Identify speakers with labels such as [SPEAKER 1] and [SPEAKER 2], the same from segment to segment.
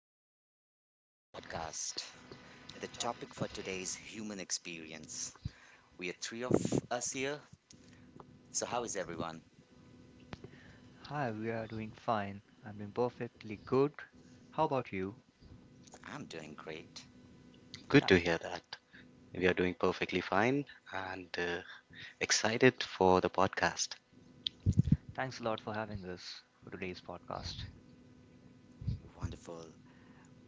[SPEAKER 1] Hello and welcome to the podcast. The topic for today is human experience. We are three of us here. So, how is everyone?
[SPEAKER 2] Hi, we are doing fine. I'm doing perfectly good. How about you?
[SPEAKER 1] I'm doing great.
[SPEAKER 2] Th- Thanks a lot for having us for today's podcast.
[SPEAKER 1] Wonderful.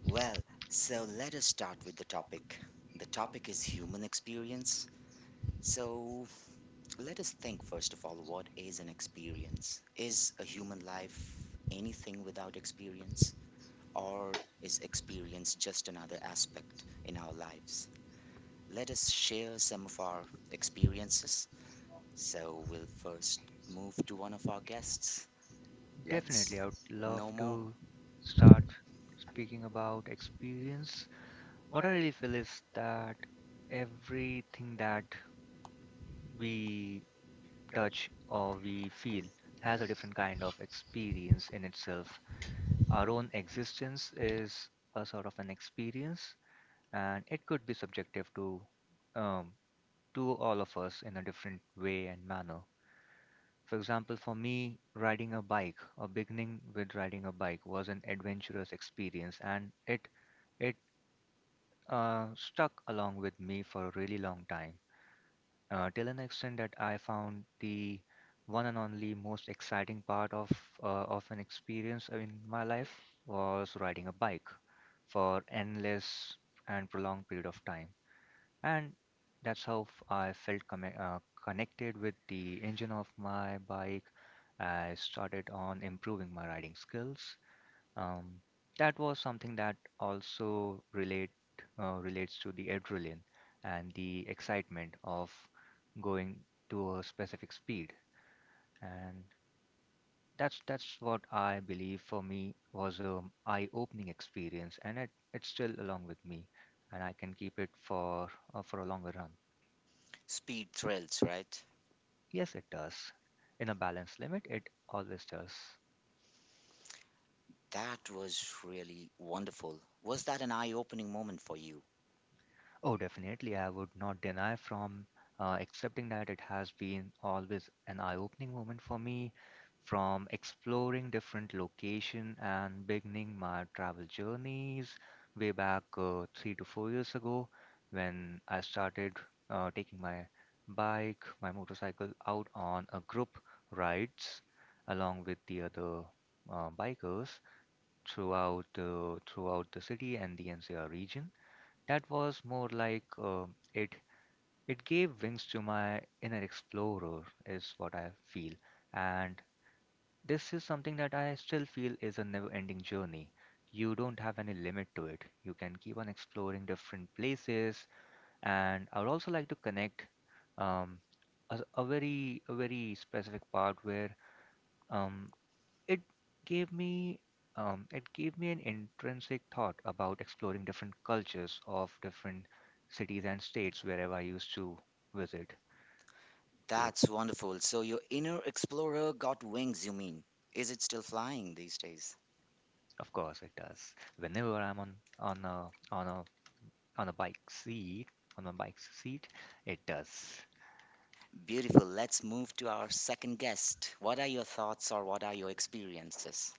[SPEAKER 1] Well, so let us start with the topic. The topic is human experience. So, let us think first of all what is an experience? Is a human life anything without experience? Or is experience just another aspect in our lives? Let us share some of our experiences. So we'll first move to one of our guests. Let's
[SPEAKER 2] Definitely, I would love
[SPEAKER 1] no more
[SPEAKER 2] to start speaking about experience. What I really feel is that everything that we touch or we feel has a different kind of experience in itself. Our own existence is a sort of an experience, and it could be subjective to. Um, to all of us in a different way and manner. For example, for me, riding a bike or beginning with riding a bike was an adventurous experience, and it stuck along with me for a really long time, till an extent that I found the one and only most exciting part of an experience in my life was riding a bike for endless and prolonged period of time, and that's how I felt connected with the engine of my bike. I started on improving my riding skills. Um, that was something that also relates to the adrenaline and the excitement of going to a specific speed, and that's what I believe for me was a eye-opening experience, and it's still along with me, and I can keep it for a longer run.
[SPEAKER 1] speed thrills, right?
[SPEAKER 2] Yes, it does. In a balanced limit, it always does.
[SPEAKER 1] That was really wonderful. Was that an eye opening moment for you?
[SPEAKER 2] Oh, definitely. I would not deny from accepting that it has been always an eye-opening moment for me, from exploring different location and beginning my travel journeys way back 3 to 4 years ago, when I started taking my bike, my motorcycle out on a group rides along with the other bikers throughout the city and the NCR region. That was more like it it gave wings to my inner explorer is what I feel. And this is something that I still feel is a never-ending journey. You don't have any limit to it. You can keep on exploring different places. And I would also like to connect um, a very specific part where um, it gave me it gave me an intrinsic thought about exploring different cultures of different cities and states wherever I used to visit. So
[SPEAKER 1] That's wonderful. So your inner explorer got wings, you mean? Is it still flying these days?
[SPEAKER 2] of course it does. Whenever I'm on a on a on a bike seat, on a bike's seat, it does.
[SPEAKER 1] Beautiful. Let's move to our second guest. What are your thoughts or what are your experiences?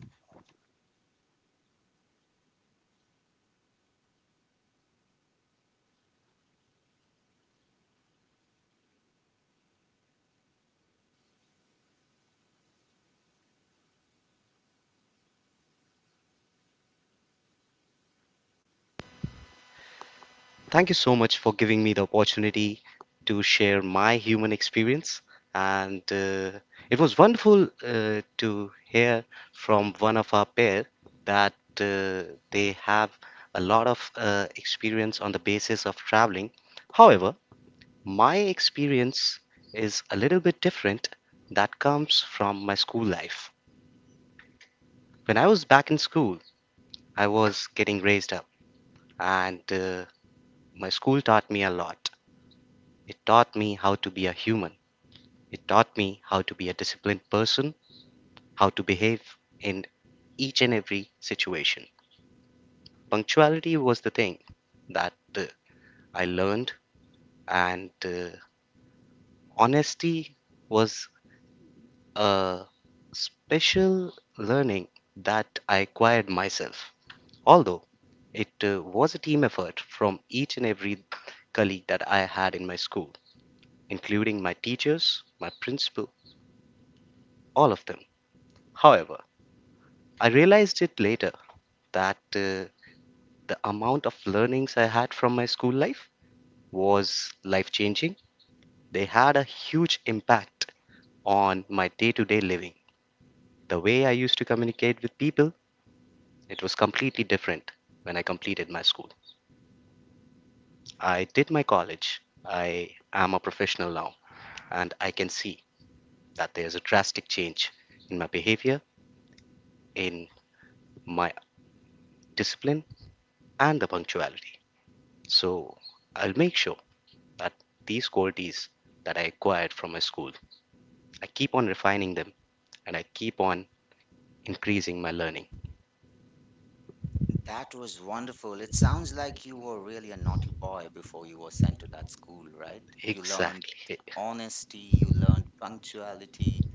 [SPEAKER 3] Thank you so much for giving me the opportunity to share my human experience. And it was wonderful to hear from one of our pair that uh, they have a lot of experience on the basis of traveling. However, my experience is a little bit different that comes from my school life. When I was back in school, I was getting raised up, and my school taught me a lot. It taught me how to be a human. It taught me how to be a disciplined person, how to behave in each and every situation. Punctuality was the thing that I learned, and honesty was a special learning that I acquired myself. Although it was a team effort from each and every colleague that I had in my school, including my teachers, my principal, all of them. However, I realized it later that the amount of learnings I had from my school life was life changing. They had a huge impact on my day to day living. The way I used to communicate with people, it was completely different when I completed my school. I did my college. I am a professional now, and I can see that there's a drastic change in my behavior, in my discipline, and the punctuality. So I'll make sure that these qualities that I acquired from my school, I keep on refining them and I keep on increasing my learning.
[SPEAKER 1] That was wonderful. It sounds like you were really a naughty boy before you were sent to that school, right? You learned
[SPEAKER 3] Exactly.
[SPEAKER 1] honesty, you learned punctuality,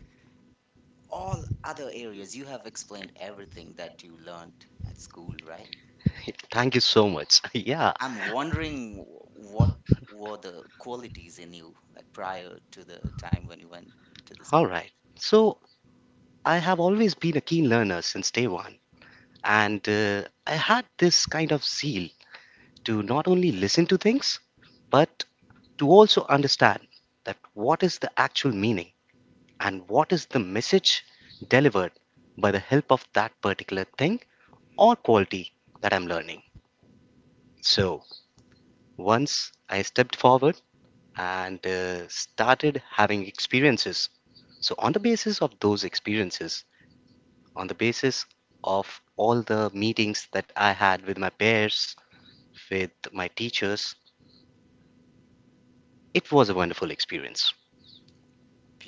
[SPEAKER 1] all other areas. You have explained everything that you learned at school, right?
[SPEAKER 3] Thank you so much. Yeah.
[SPEAKER 1] I'm wondering what were the qualities in you, like prior to the time when you went to the
[SPEAKER 3] All
[SPEAKER 1] school.
[SPEAKER 3] right. So I have always been a keen learner since day one. And I had this kind of zeal to not only listen to things, but to also understand that what is the actual meaning and what is the message delivered by the help of that particular thing or quality that I'm learning. So once I stepped forward and started having experiences. So, on the basis of those experiences, on the basis of all the meetings that I had with my peers, with my teachers, it was a wonderful experience.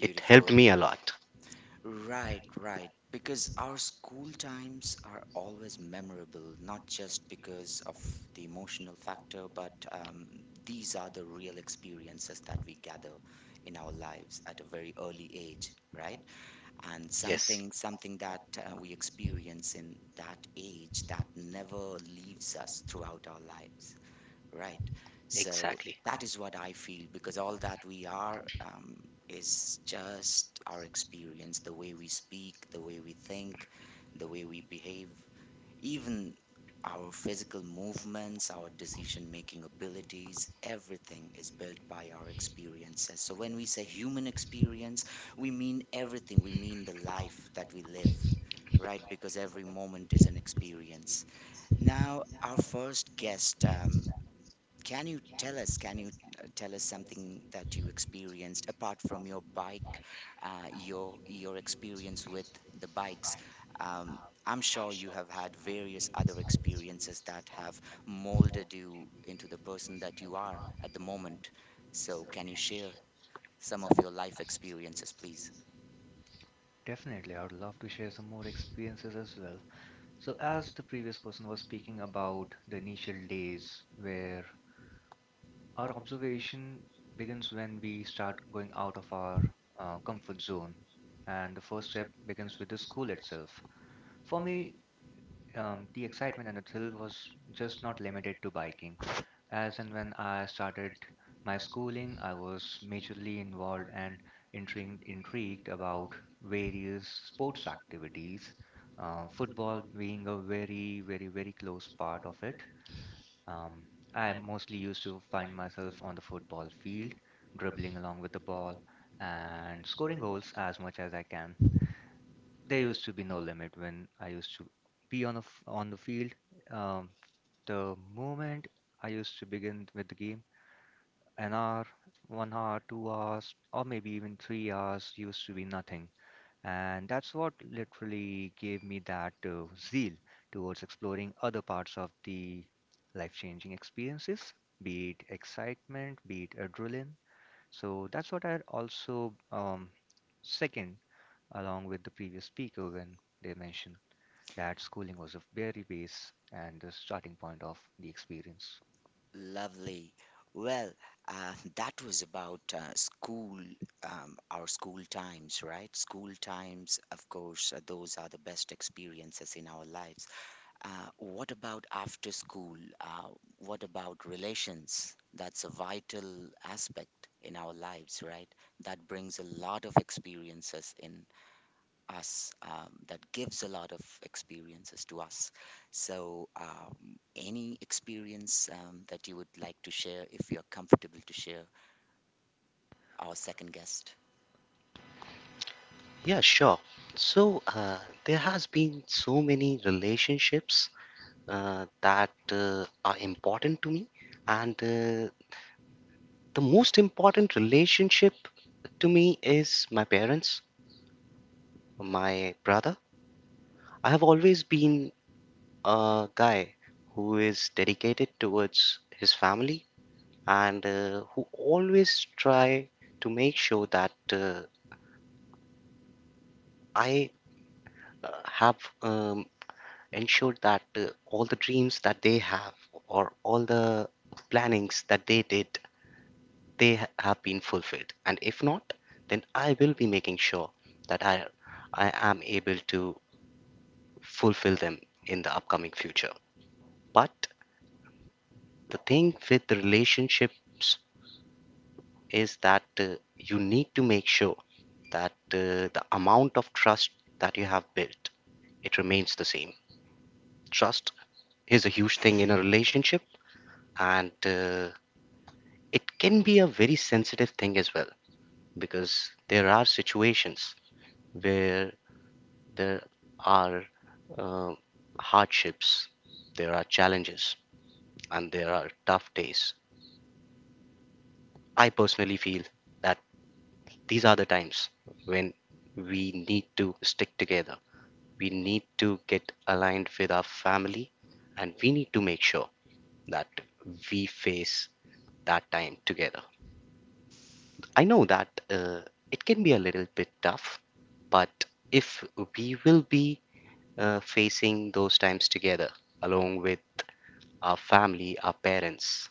[SPEAKER 3] It helped me a lot.
[SPEAKER 1] Right, right. Because our school times are always memorable, not just because of the emotional factor, but these are the real experiences that we gather in our lives at a very early age, right? And
[SPEAKER 3] Yes.
[SPEAKER 1] something that we experience in that age that never leaves us throughout our lives. Right. So
[SPEAKER 3] Exactly.
[SPEAKER 1] that is what I feel, because all that we are, is just our experience, the way we speak, the way we think, the way we behave, even our physical movements, our decision making abilities, everything is built by our experiences. So when we say human experience, we mean everything, we mean the life that we live. Right, because every moment is an experience. Now, our first guest, can you tell us? Can you tell us something that you experienced apart from your bike, your experience with the bikes? Um, I'm sure you have had various other experiences that have molded you into the person that you are at the moment. So, can you share some of your life experiences, please?
[SPEAKER 2] Definitely, I would love to share some more experiences as well. So, as the previous person was speaking about the initial days where our observation begins when we start going out of our comfort zone, and the first step begins with the school itself. For me, the excitement and the thrill was just not limited to biking. As and when I started my schooling, I was majorly involved and intrigued about various sports activities, football being a very, very, very close part of it. Um, I mostly used to find myself on the football field, dribbling along with the ball and scoring goals as much as I can. There used to be no limit when I used to be on a f on the field. Um, the moment I used to begin with the game, an hour, one hour, 2 hours, or maybe even 3 hours used to be nothing. And that's what literally gave me that zeal towards exploring other parts of the life changing experiences, be it excitement, be it adrenaline. So that's what I also second along with the previous speaker when they mentioned that schooling was a very base and the starting point of the experience.
[SPEAKER 1] Lovely. Well, that was about school, our school times, right? School times, of course, those are the best experiences in our lives. What about after school? What about relations? That's a vital aspect in our lives, right? That brings a lot of experiences in us, that gives a lot of experiences to us. So, any experience that you would like to share, if you're comfortable to share, our second guest?
[SPEAKER 3] Yeah, sure. So there has been so many relationships that are important to me, and the most important relationship to me is my parents, my brother. I have always been a guy who is dedicated towards his family and who always try to make sure that I have um, ensured that all the dreams that they have or all the plannings that they did have been fulfilled, and if not, then I will be making sure that I am able to fulfill them in the upcoming future. But the thing with the relationships is that you need to make sure that the amount of trust that you have built, it remains the same. Trust is a huge thing in a relationship, and it can be a very sensitive thing as well, because there are situations where there are uh, hardships, there are challenges, and there are tough days. I personally feel that these are the times when we need to stick together, we need to get aligned with our family, and we need to make sure that we face that time together. I know that it can be a little bit tough, but if we will be facing those times together along with our family, our parents,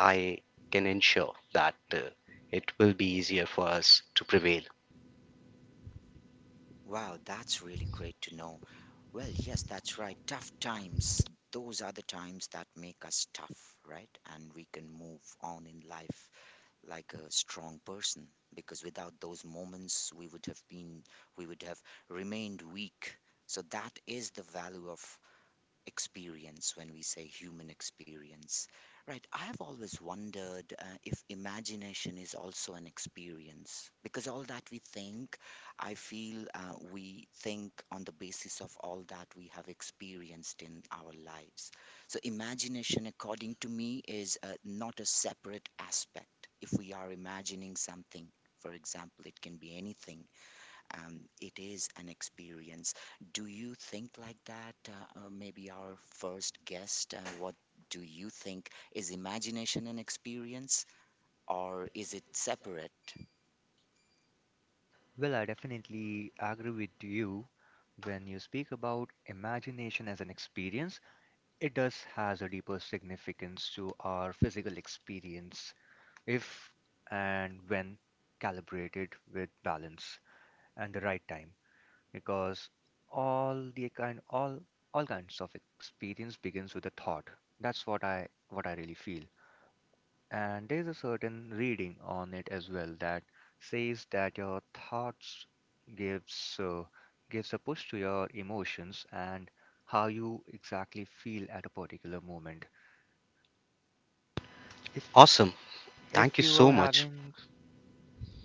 [SPEAKER 3] I can ensure that it will be easier for us to prevail.
[SPEAKER 1] Wow, that's really great to know. Well, yes, that's right. Tough times, those are the times that make us tough, right? And we can move on in life like a strong person, because without those moments, we would have been, we would have remained weak. So that is the value of experience when we say human experience. Right, I have always wondered if imagination is also an experience, because all that we think, I feel, we think on the basis of all that we have experienced in our lives. So imagination, according to me, is not a separate aspect. If we are imagining something, for example, it can be anything, it is an experience. Do you think like that? Maybe our first guest, what do you think? Is imagination an experience, or is it separate?
[SPEAKER 2] Well, I definitely agree with you when you speak about imagination as an experience. It does has a deeper significance to our physical experience if and when calibrated with balance and the right time, because all the kind all all kinds of experience begins with a thought. That's what I really feel. And there's a certain reading on it as well that says that your thoughts gives uh, gives a push to your emotions and how you exactly feel at a particular moment. If
[SPEAKER 3] Awesome. Thank
[SPEAKER 2] if
[SPEAKER 3] you
[SPEAKER 2] you are
[SPEAKER 3] so much.
[SPEAKER 2] having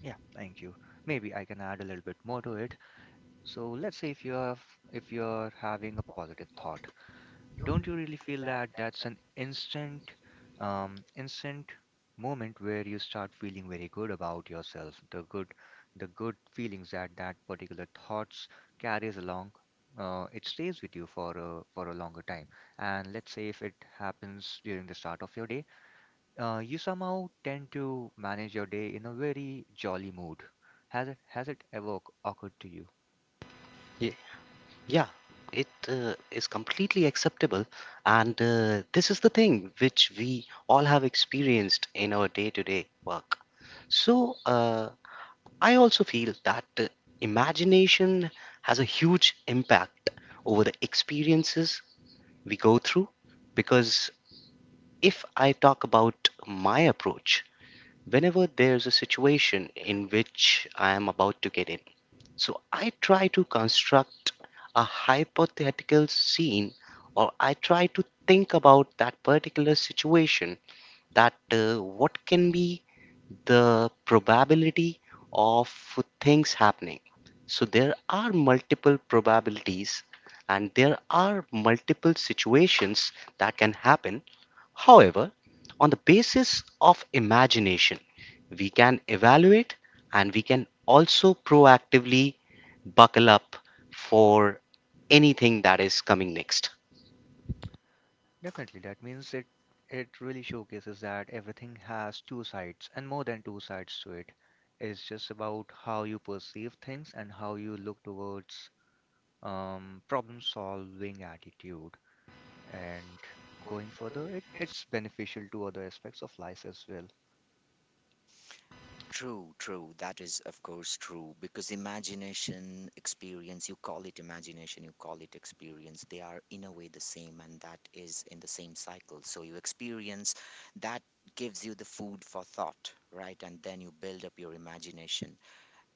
[SPEAKER 2] yeah thank you, maybe I can add a little bit more to it. So let's say if you're having a positive thought, don't you really feel that that's an instant moment where you start feeling very good about yourself, the good feelings that that particular thoughts carries along, it stays with you for a longer time. And let's say if it happens during the start of your day, you somehow tend to manage your day in a very jolly mood. Has it ever occurred to you?
[SPEAKER 3] Yeah, it is completely acceptable. And this is the thing which we all have experienced in our day to day work. So I also feel that imagination has a huge impact over the experiences we go through. Because if I talk about my approach, whenever there's a situation in which I am about to get, so I try to construct a hypothetical scene or I try to think about that particular situation that what can be the probability of things happening. So there are multiple probabilities and there are multiple situations that can happen. However, on the basis of imagination, we can evaluate and we can also proactively buckle up for anything that is coming next.
[SPEAKER 2] Definitely, that means it really showcases that everything has two sides and more than two sides to it. It's just about how you perceive things and how you look towards problem solving attitude. And going further, it's beneficial to other aspects of life as well.
[SPEAKER 1] True, true. That is, of course, true, because imagination, experience, you call it imagination, you call it experience, they are in a way the same, and that is in the same cycle. So you experience, that gives you the food for thought, right? And then you build up your imagination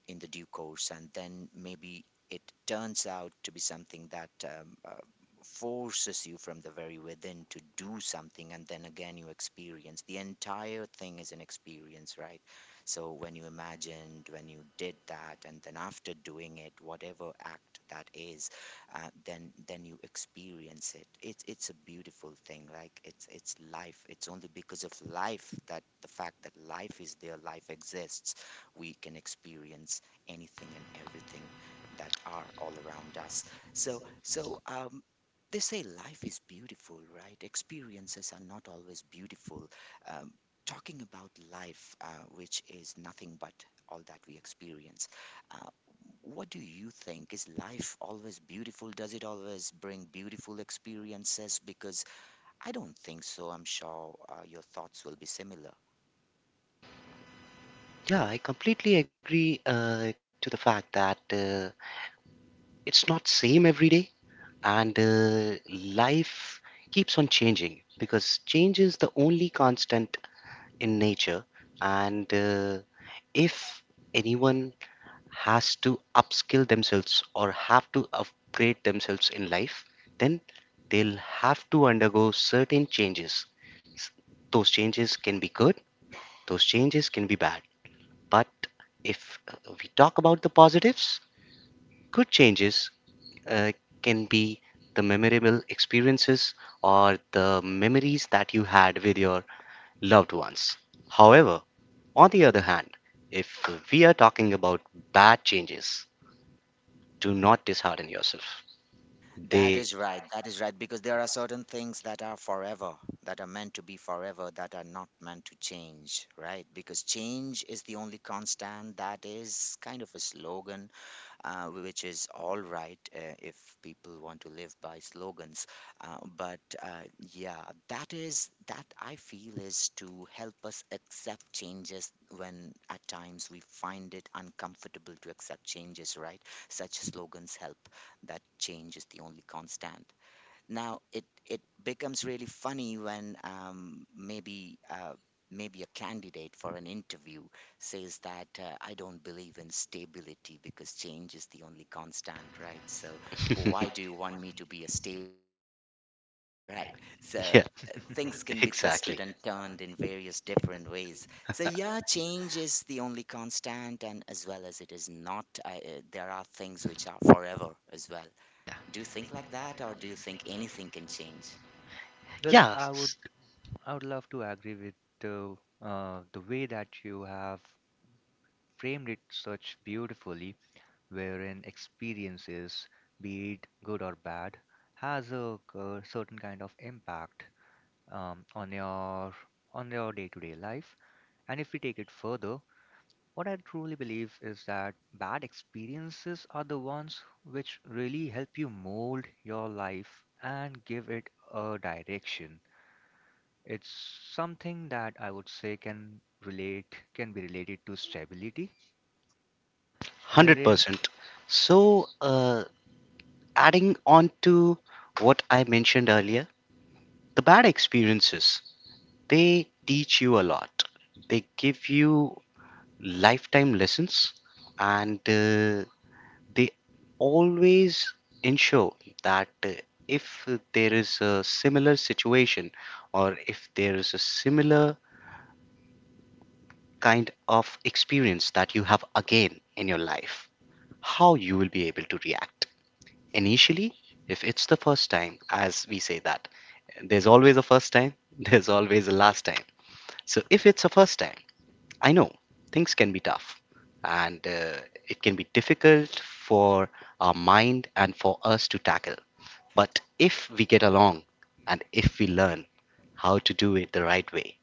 [SPEAKER 1] in the due course, and then maybe it turns out to be something that, forces you from the very within to do something, and then again you experience, the entire thing is an experience, right? So when you imagined, when you did that, and then after doing it, whatever act that is, then you experience it. It's a beautiful thing. Like, it's life. It's only because of life, that the fact that life is there, life exists, we can experience anything and everything that are all around us. So, they say life is beautiful, right? Experiences are not always beautiful. Um, Talking about life, which is nothing but all that we experience, uh, what do you think? Is life always beautiful? Does it always bring beautiful experiences? Because I don't think so. I'm sure your thoughts will be similar.
[SPEAKER 3] Yeah, I completely agree to the fact that it's not same every day, and life keeps on changing because change is the only constant in nature, and if anyone has to upskill themselves or have to upgrade themselves in life, then they'll have to undergo certain changes. S- those changes can be good, those changes can be bad, but if we talk about the positives, good changes uh, can be the memorable experiences or the memories that you had with your loved ones. However, on the other hand, if we are talking about bad changes, do not dishearten yourself.
[SPEAKER 1] That
[SPEAKER 3] They,
[SPEAKER 1] is right. That is right. Because there are certain things that are forever, that are meant to be forever, that are not meant to change, right? Because change is the only constant, that is kind of a slogan which is all right if people want to live by slogans. But yeah, that is that I feel is to help us accept changes when at times we find it uncomfortable to accept changes, right? Such slogans help, that change is the only constant. Now it becomes really funny when maybe a candidate for an interview says that, I don't believe in stability because change is the only constant, right? So why do you want me to be a stable employee, right? So
[SPEAKER 3] yeah,
[SPEAKER 1] things can be
[SPEAKER 3] exactly.
[SPEAKER 1] twisted and turned in various different ways. So yeah, change is the only constant, and as well as it is not, there are things which are forever as well. Do you think like that, or do you think anything can change?
[SPEAKER 2] Well,
[SPEAKER 3] Yeah,
[SPEAKER 2] I would love to agree with the way that you have framed it such beautifully, wherein experiences, be it good or bad, has a certain kind of impact on your day-to-day life. And if we take it further, what I truly believe is that bad experiences are the ones which really help you mold your life and give it a direction. It's something that I would say can be related to stability, wherein
[SPEAKER 3] 100%. So, adding on to what I mentioned earlier, the bad experiences, they teach you a lot, they give you lifetime lessons, and they always ensure that if there is a similar situation or if there is a similar kind of experience that you have again in your life, how you will be able to react initially. If it's the first time, as we say that there's always a first time, there's always a last time. So if it's a first time, I know things can be tough, and it can be difficult for our mind and for us to tackle. But if we get along and if we learn how to do it the right way,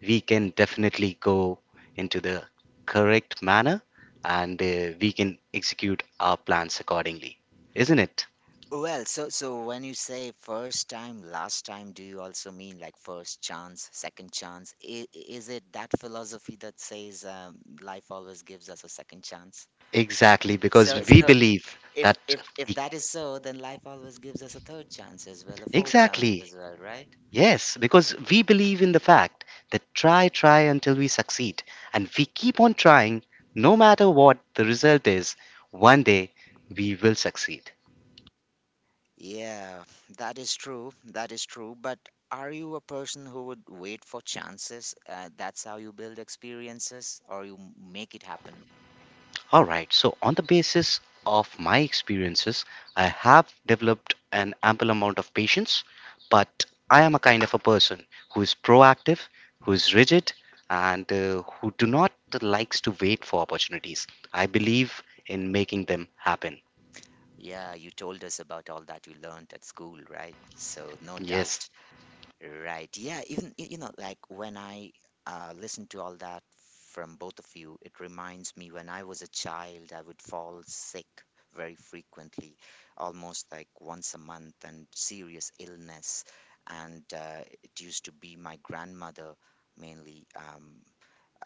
[SPEAKER 3] we can definitely go into the correct manner, and we can execute our plans accordingly. Isn't it?
[SPEAKER 1] Well, so when you say first time, last time, do you also mean like first chance, second chance? Is it that philosophy that says, life always gives us a second chance?
[SPEAKER 3] Exactly, because
[SPEAKER 1] So
[SPEAKER 3] we
[SPEAKER 1] so
[SPEAKER 3] believe
[SPEAKER 1] if
[SPEAKER 3] that
[SPEAKER 1] if if
[SPEAKER 3] we
[SPEAKER 1] that is so, then life always gives us a third chance as well, a fourth chance
[SPEAKER 3] Exactly.
[SPEAKER 1] as well, right?
[SPEAKER 3] Yes, because we believe in the fact that try, try until we succeed. And we keep on trying, no matter what the result is, one day we will succeed.
[SPEAKER 1] Yeah, that is true. That is true. But are you a person who would wait for chances? That's how you build experiences, or you make it happen?
[SPEAKER 3] All right, so on the basis of my experiences, I have developed an ample amount of patience, but I am a kind of a person who is proactive, who is rigid, and who do not likes to wait for opportunities. I believe in making them happen.
[SPEAKER 1] Yeah, you told us about all that you learned at school, right? So, no doubt.
[SPEAKER 3] Yes.
[SPEAKER 1] Right. Yeah. Even, like when I listen to all that from both of you, it reminds me when I was a child, I would fall sick very frequently, almost like once a month, and serious illness. And it used to be my grandmother mainly, Um,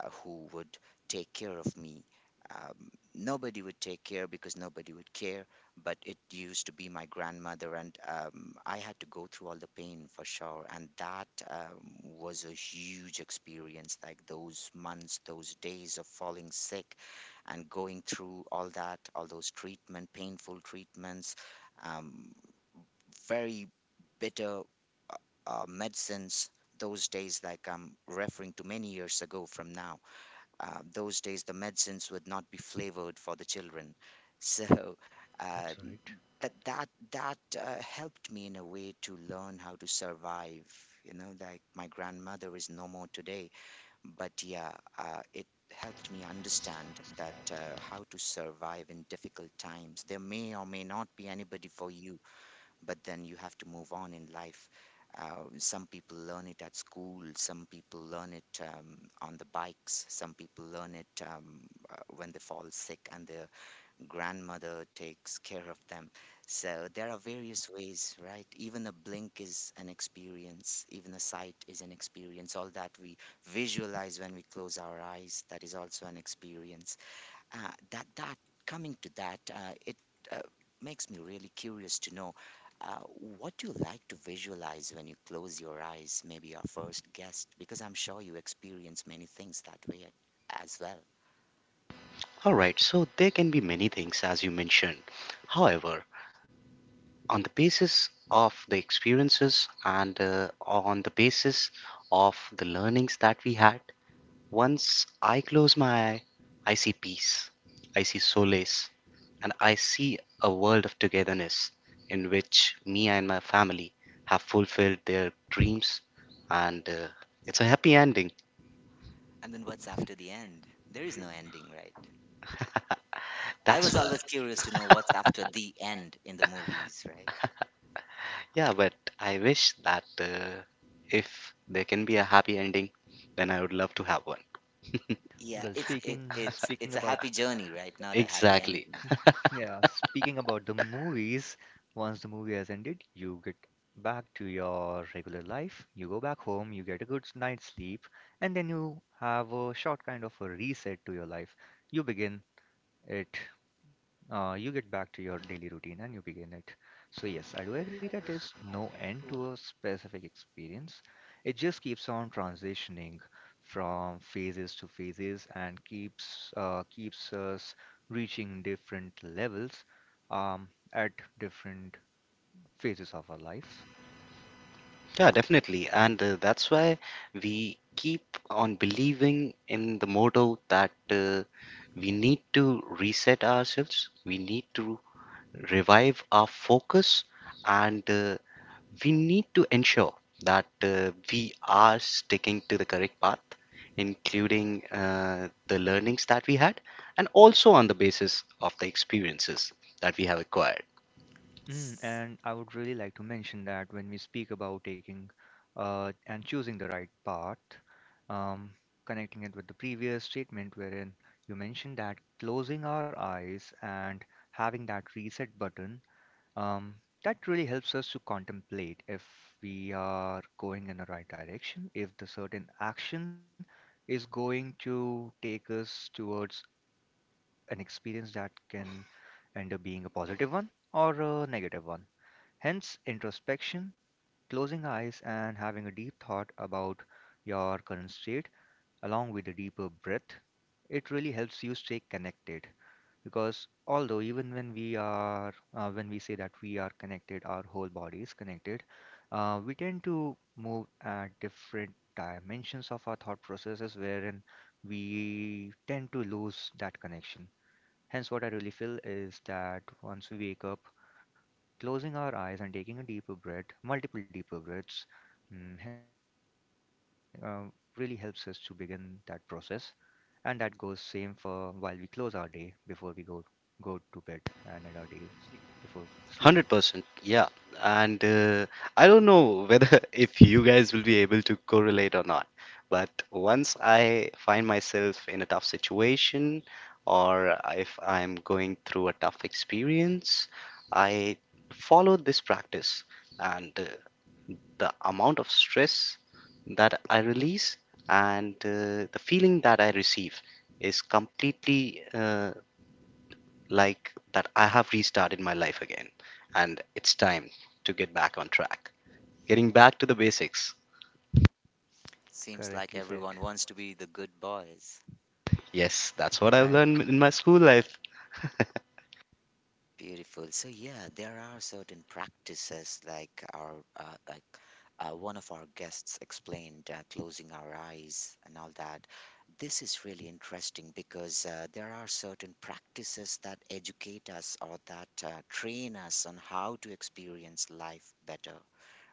[SPEAKER 1] uh, who would take care of me. Um, Nobody would take care because nobody would care, but it used to be my grandmother, and I had to go through all the pain for sure. And that, was a huge experience, like those months, those days of falling sick and going through all that, all those treatment, painful treatments, um, very bitter medicines. Those days, like I'm referring to many years ago from now. Those days the medicines would not be flavored for the children, so uh,
[SPEAKER 2] that's right.
[SPEAKER 1] that helped me in a way to learn how to survive. Like, my grandmother is no more today, but yeah, it helped me understand that, how to survive in difficult times. There may or may not be anybody for you, but then you have to move on in life. Some people learn it at school, some people learn it on the bikes, some people learn it when they fall sick and their grandmother takes care of them. So there are various ways, right? Even a blink is an experience, even a sight is an experience. All that we visualize when we close our eyes, that is also an experience. That coming to that, it uh, makes me really curious to know, uh, what do you like to visualize when you close your eyes, maybe our first guest, because I'm sure you experience many things that way, as well.
[SPEAKER 3] All right, so there can be many things as you mentioned. However, on the basis of the experiences and on the basis of the learnings that we had, once I close my eye, I see peace, I see solace, and I see a world of togetherness in which me and my family have fulfilled their dreams, and it's a happy ending.
[SPEAKER 1] And then what's after the end? There is no ending, right? I
[SPEAKER 3] That's
[SPEAKER 1] was
[SPEAKER 3] what.
[SPEAKER 1] always curious to know what's after the end in the movies, right?
[SPEAKER 3] Yeah, but I wish that if there can be a happy ending, then I would love to have one.
[SPEAKER 1] Yeah,
[SPEAKER 2] Well,
[SPEAKER 1] it's it
[SPEAKER 2] speaking
[SPEAKER 1] it's a
[SPEAKER 2] about
[SPEAKER 1] happy journey, right? Not a happy
[SPEAKER 3] Exactly.
[SPEAKER 1] ending.
[SPEAKER 2] yeah, speaking about the movies, once the movie has ended, you get back to your regular life. You go back home, you get a good night's sleep, and then you have a short kind of a reset to your life. You begin it you get back to your daily routine and you begin it. So, yes, I do agree that there's no end to a specific experience. It just keeps on transitioning from phases to phases and keeps keeps us reaching different levels at different phases of our lives.
[SPEAKER 3] Yeah, definitely. And that's why we keep on believing in the motto that we need to reset ourselves, we need to revive our focus, and we need to ensure that we are sticking to the correct path, including the learnings that we had, and also on the basis of the experiences that we have acquired.
[SPEAKER 2] Mm,
[SPEAKER 1] S-
[SPEAKER 2] and I would really like to mention that when we speak about taking and choosing the right path, um, connecting it with the previous statement wherein you mentioned that closing our eyes and having that reset button, um, that really helps us to contemplate if we are going in the right direction, if the certain action is going to take us towards an experience that can end up being a positive one or a negative one. Hence, introspection, closing eyes, and having a deep thought about your current state, along with a deeper breath, it really helps you stay connected. Because although even when we are, when we say that we are connected, our whole body is connected, we tend to move at different dimensions of our thought processes, wherein we tend to lose that connection. Hence, what I really feel is that once we wake up, closing our eyes and taking a deeper breath, multiple deeper breaths, mm, he- uh, really helps us to begin that process. And that goes same for while we close our day before we go to bed and end our day before sleeping.
[SPEAKER 3] 100%, yeah. And I don't know whether if you guys will be able to correlate or not, but once I find myself in a tough situation or if I'm going through a tough experience, I follow this practice, and the amount of stress that I release and the feeling that I receive is completely like that I have restarted my life again, and it's time to get back on track. Getting back to the basics.
[SPEAKER 1] seems like
[SPEAKER 2] Correctly said.
[SPEAKER 1] everyone wants to be the good boys,
[SPEAKER 3] Yes, that's what I've
[SPEAKER 1] right?
[SPEAKER 3] learned in my school life.
[SPEAKER 1] Beautiful. So yeah, there are certain practices like our, like one of our guests explained, closing our eyes and all that. This is really interesting, because there are certain practices that educate us, or that train us on how to experience life better,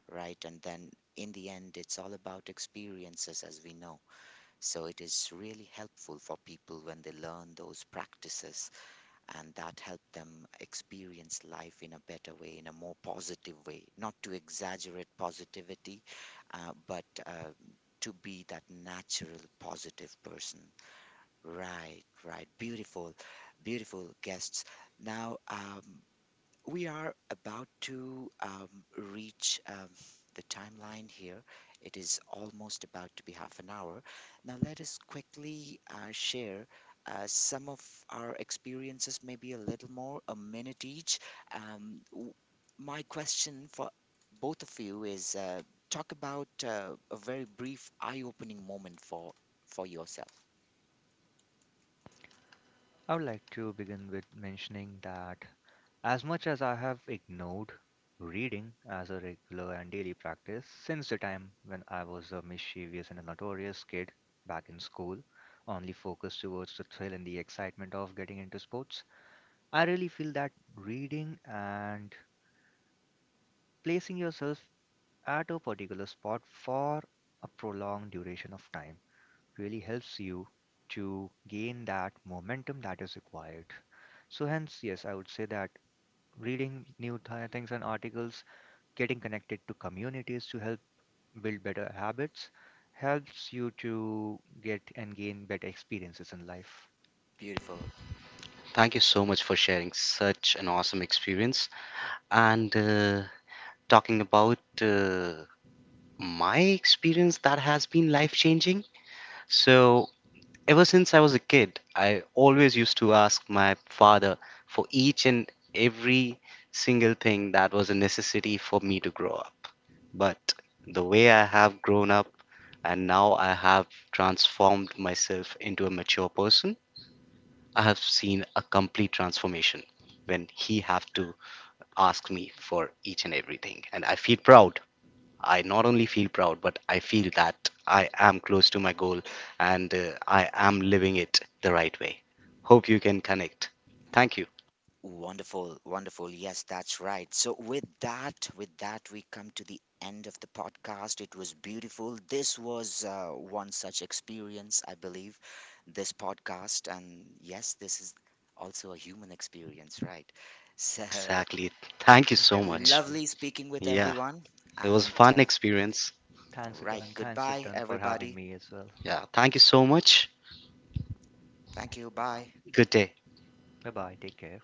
[SPEAKER 1] right? And then in the end, it's all about experiences, as we know. So it is really helpful for people when they learn those practices, and that helped them experience life in a better way, in a more positive way. Not to exaggerate positivity, but, to be that natural, positive person. Right, right. Beautiful, beautiful guests. Now, we are about to reach the timeline here. It is almost about to be half an hour. Now, let us quickly share some of our experiences, maybe a little more, a minute each. Um, w- my question for both of you is, talk about a very brief eye opening moment for, yourself.
[SPEAKER 2] I would like to begin with mentioning that as much as I have ignored reading as a regular and daily practice since the time when I was a mischievous and a notorious kid back in school, only focused towards the thrill and the excitement of getting into sports, I really feel that reading and placing yourself at a particular spot for a prolonged duration of time really helps you to gain that momentum that is required. So, hence, yes, I would say that reading new things and articles, getting connected to communities to help build better habits, helps you to get and gain better experiences in life.
[SPEAKER 1] Beautiful.
[SPEAKER 3] Thank you so much for sharing such an awesome experience, and talking about my experience that has been life changing. So, ever since I was a kid, I always used to ask my father for each and every single thing that was a necessity for me to grow up. But the way I have grown up and now I have transformed myself into a mature person, I have seen a complete transformation when he have to ask me for each and everything, and I feel proud. I not only feel proud, but I feel that I am close to my goal, and I am living it the right way. Hope you can connect. Thank you.
[SPEAKER 1] Wonderful, wonderful. Yes, that's right. So with that, we come to the end of the podcast. It was beautiful. This was one such experience, I believe, this podcast. And yes, this is also a human experience, right? So
[SPEAKER 3] Exactly. Thank you so much.
[SPEAKER 1] lovely
[SPEAKER 2] Definitely.
[SPEAKER 1] speaking with
[SPEAKER 3] Yeah,
[SPEAKER 1] everyone.
[SPEAKER 3] it was a
[SPEAKER 1] And
[SPEAKER 3] fun experience.
[SPEAKER 2] Thanks,
[SPEAKER 1] right,
[SPEAKER 2] Return. Thanks,
[SPEAKER 1] goodbye,
[SPEAKER 2] Return, for having
[SPEAKER 1] everybody.
[SPEAKER 2] me as well.
[SPEAKER 3] Yeah, thank you so much.
[SPEAKER 1] Thank you. Bye.
[SPEAKER 3] Good day.
[SPEAKER 2] Bye bye. Take care.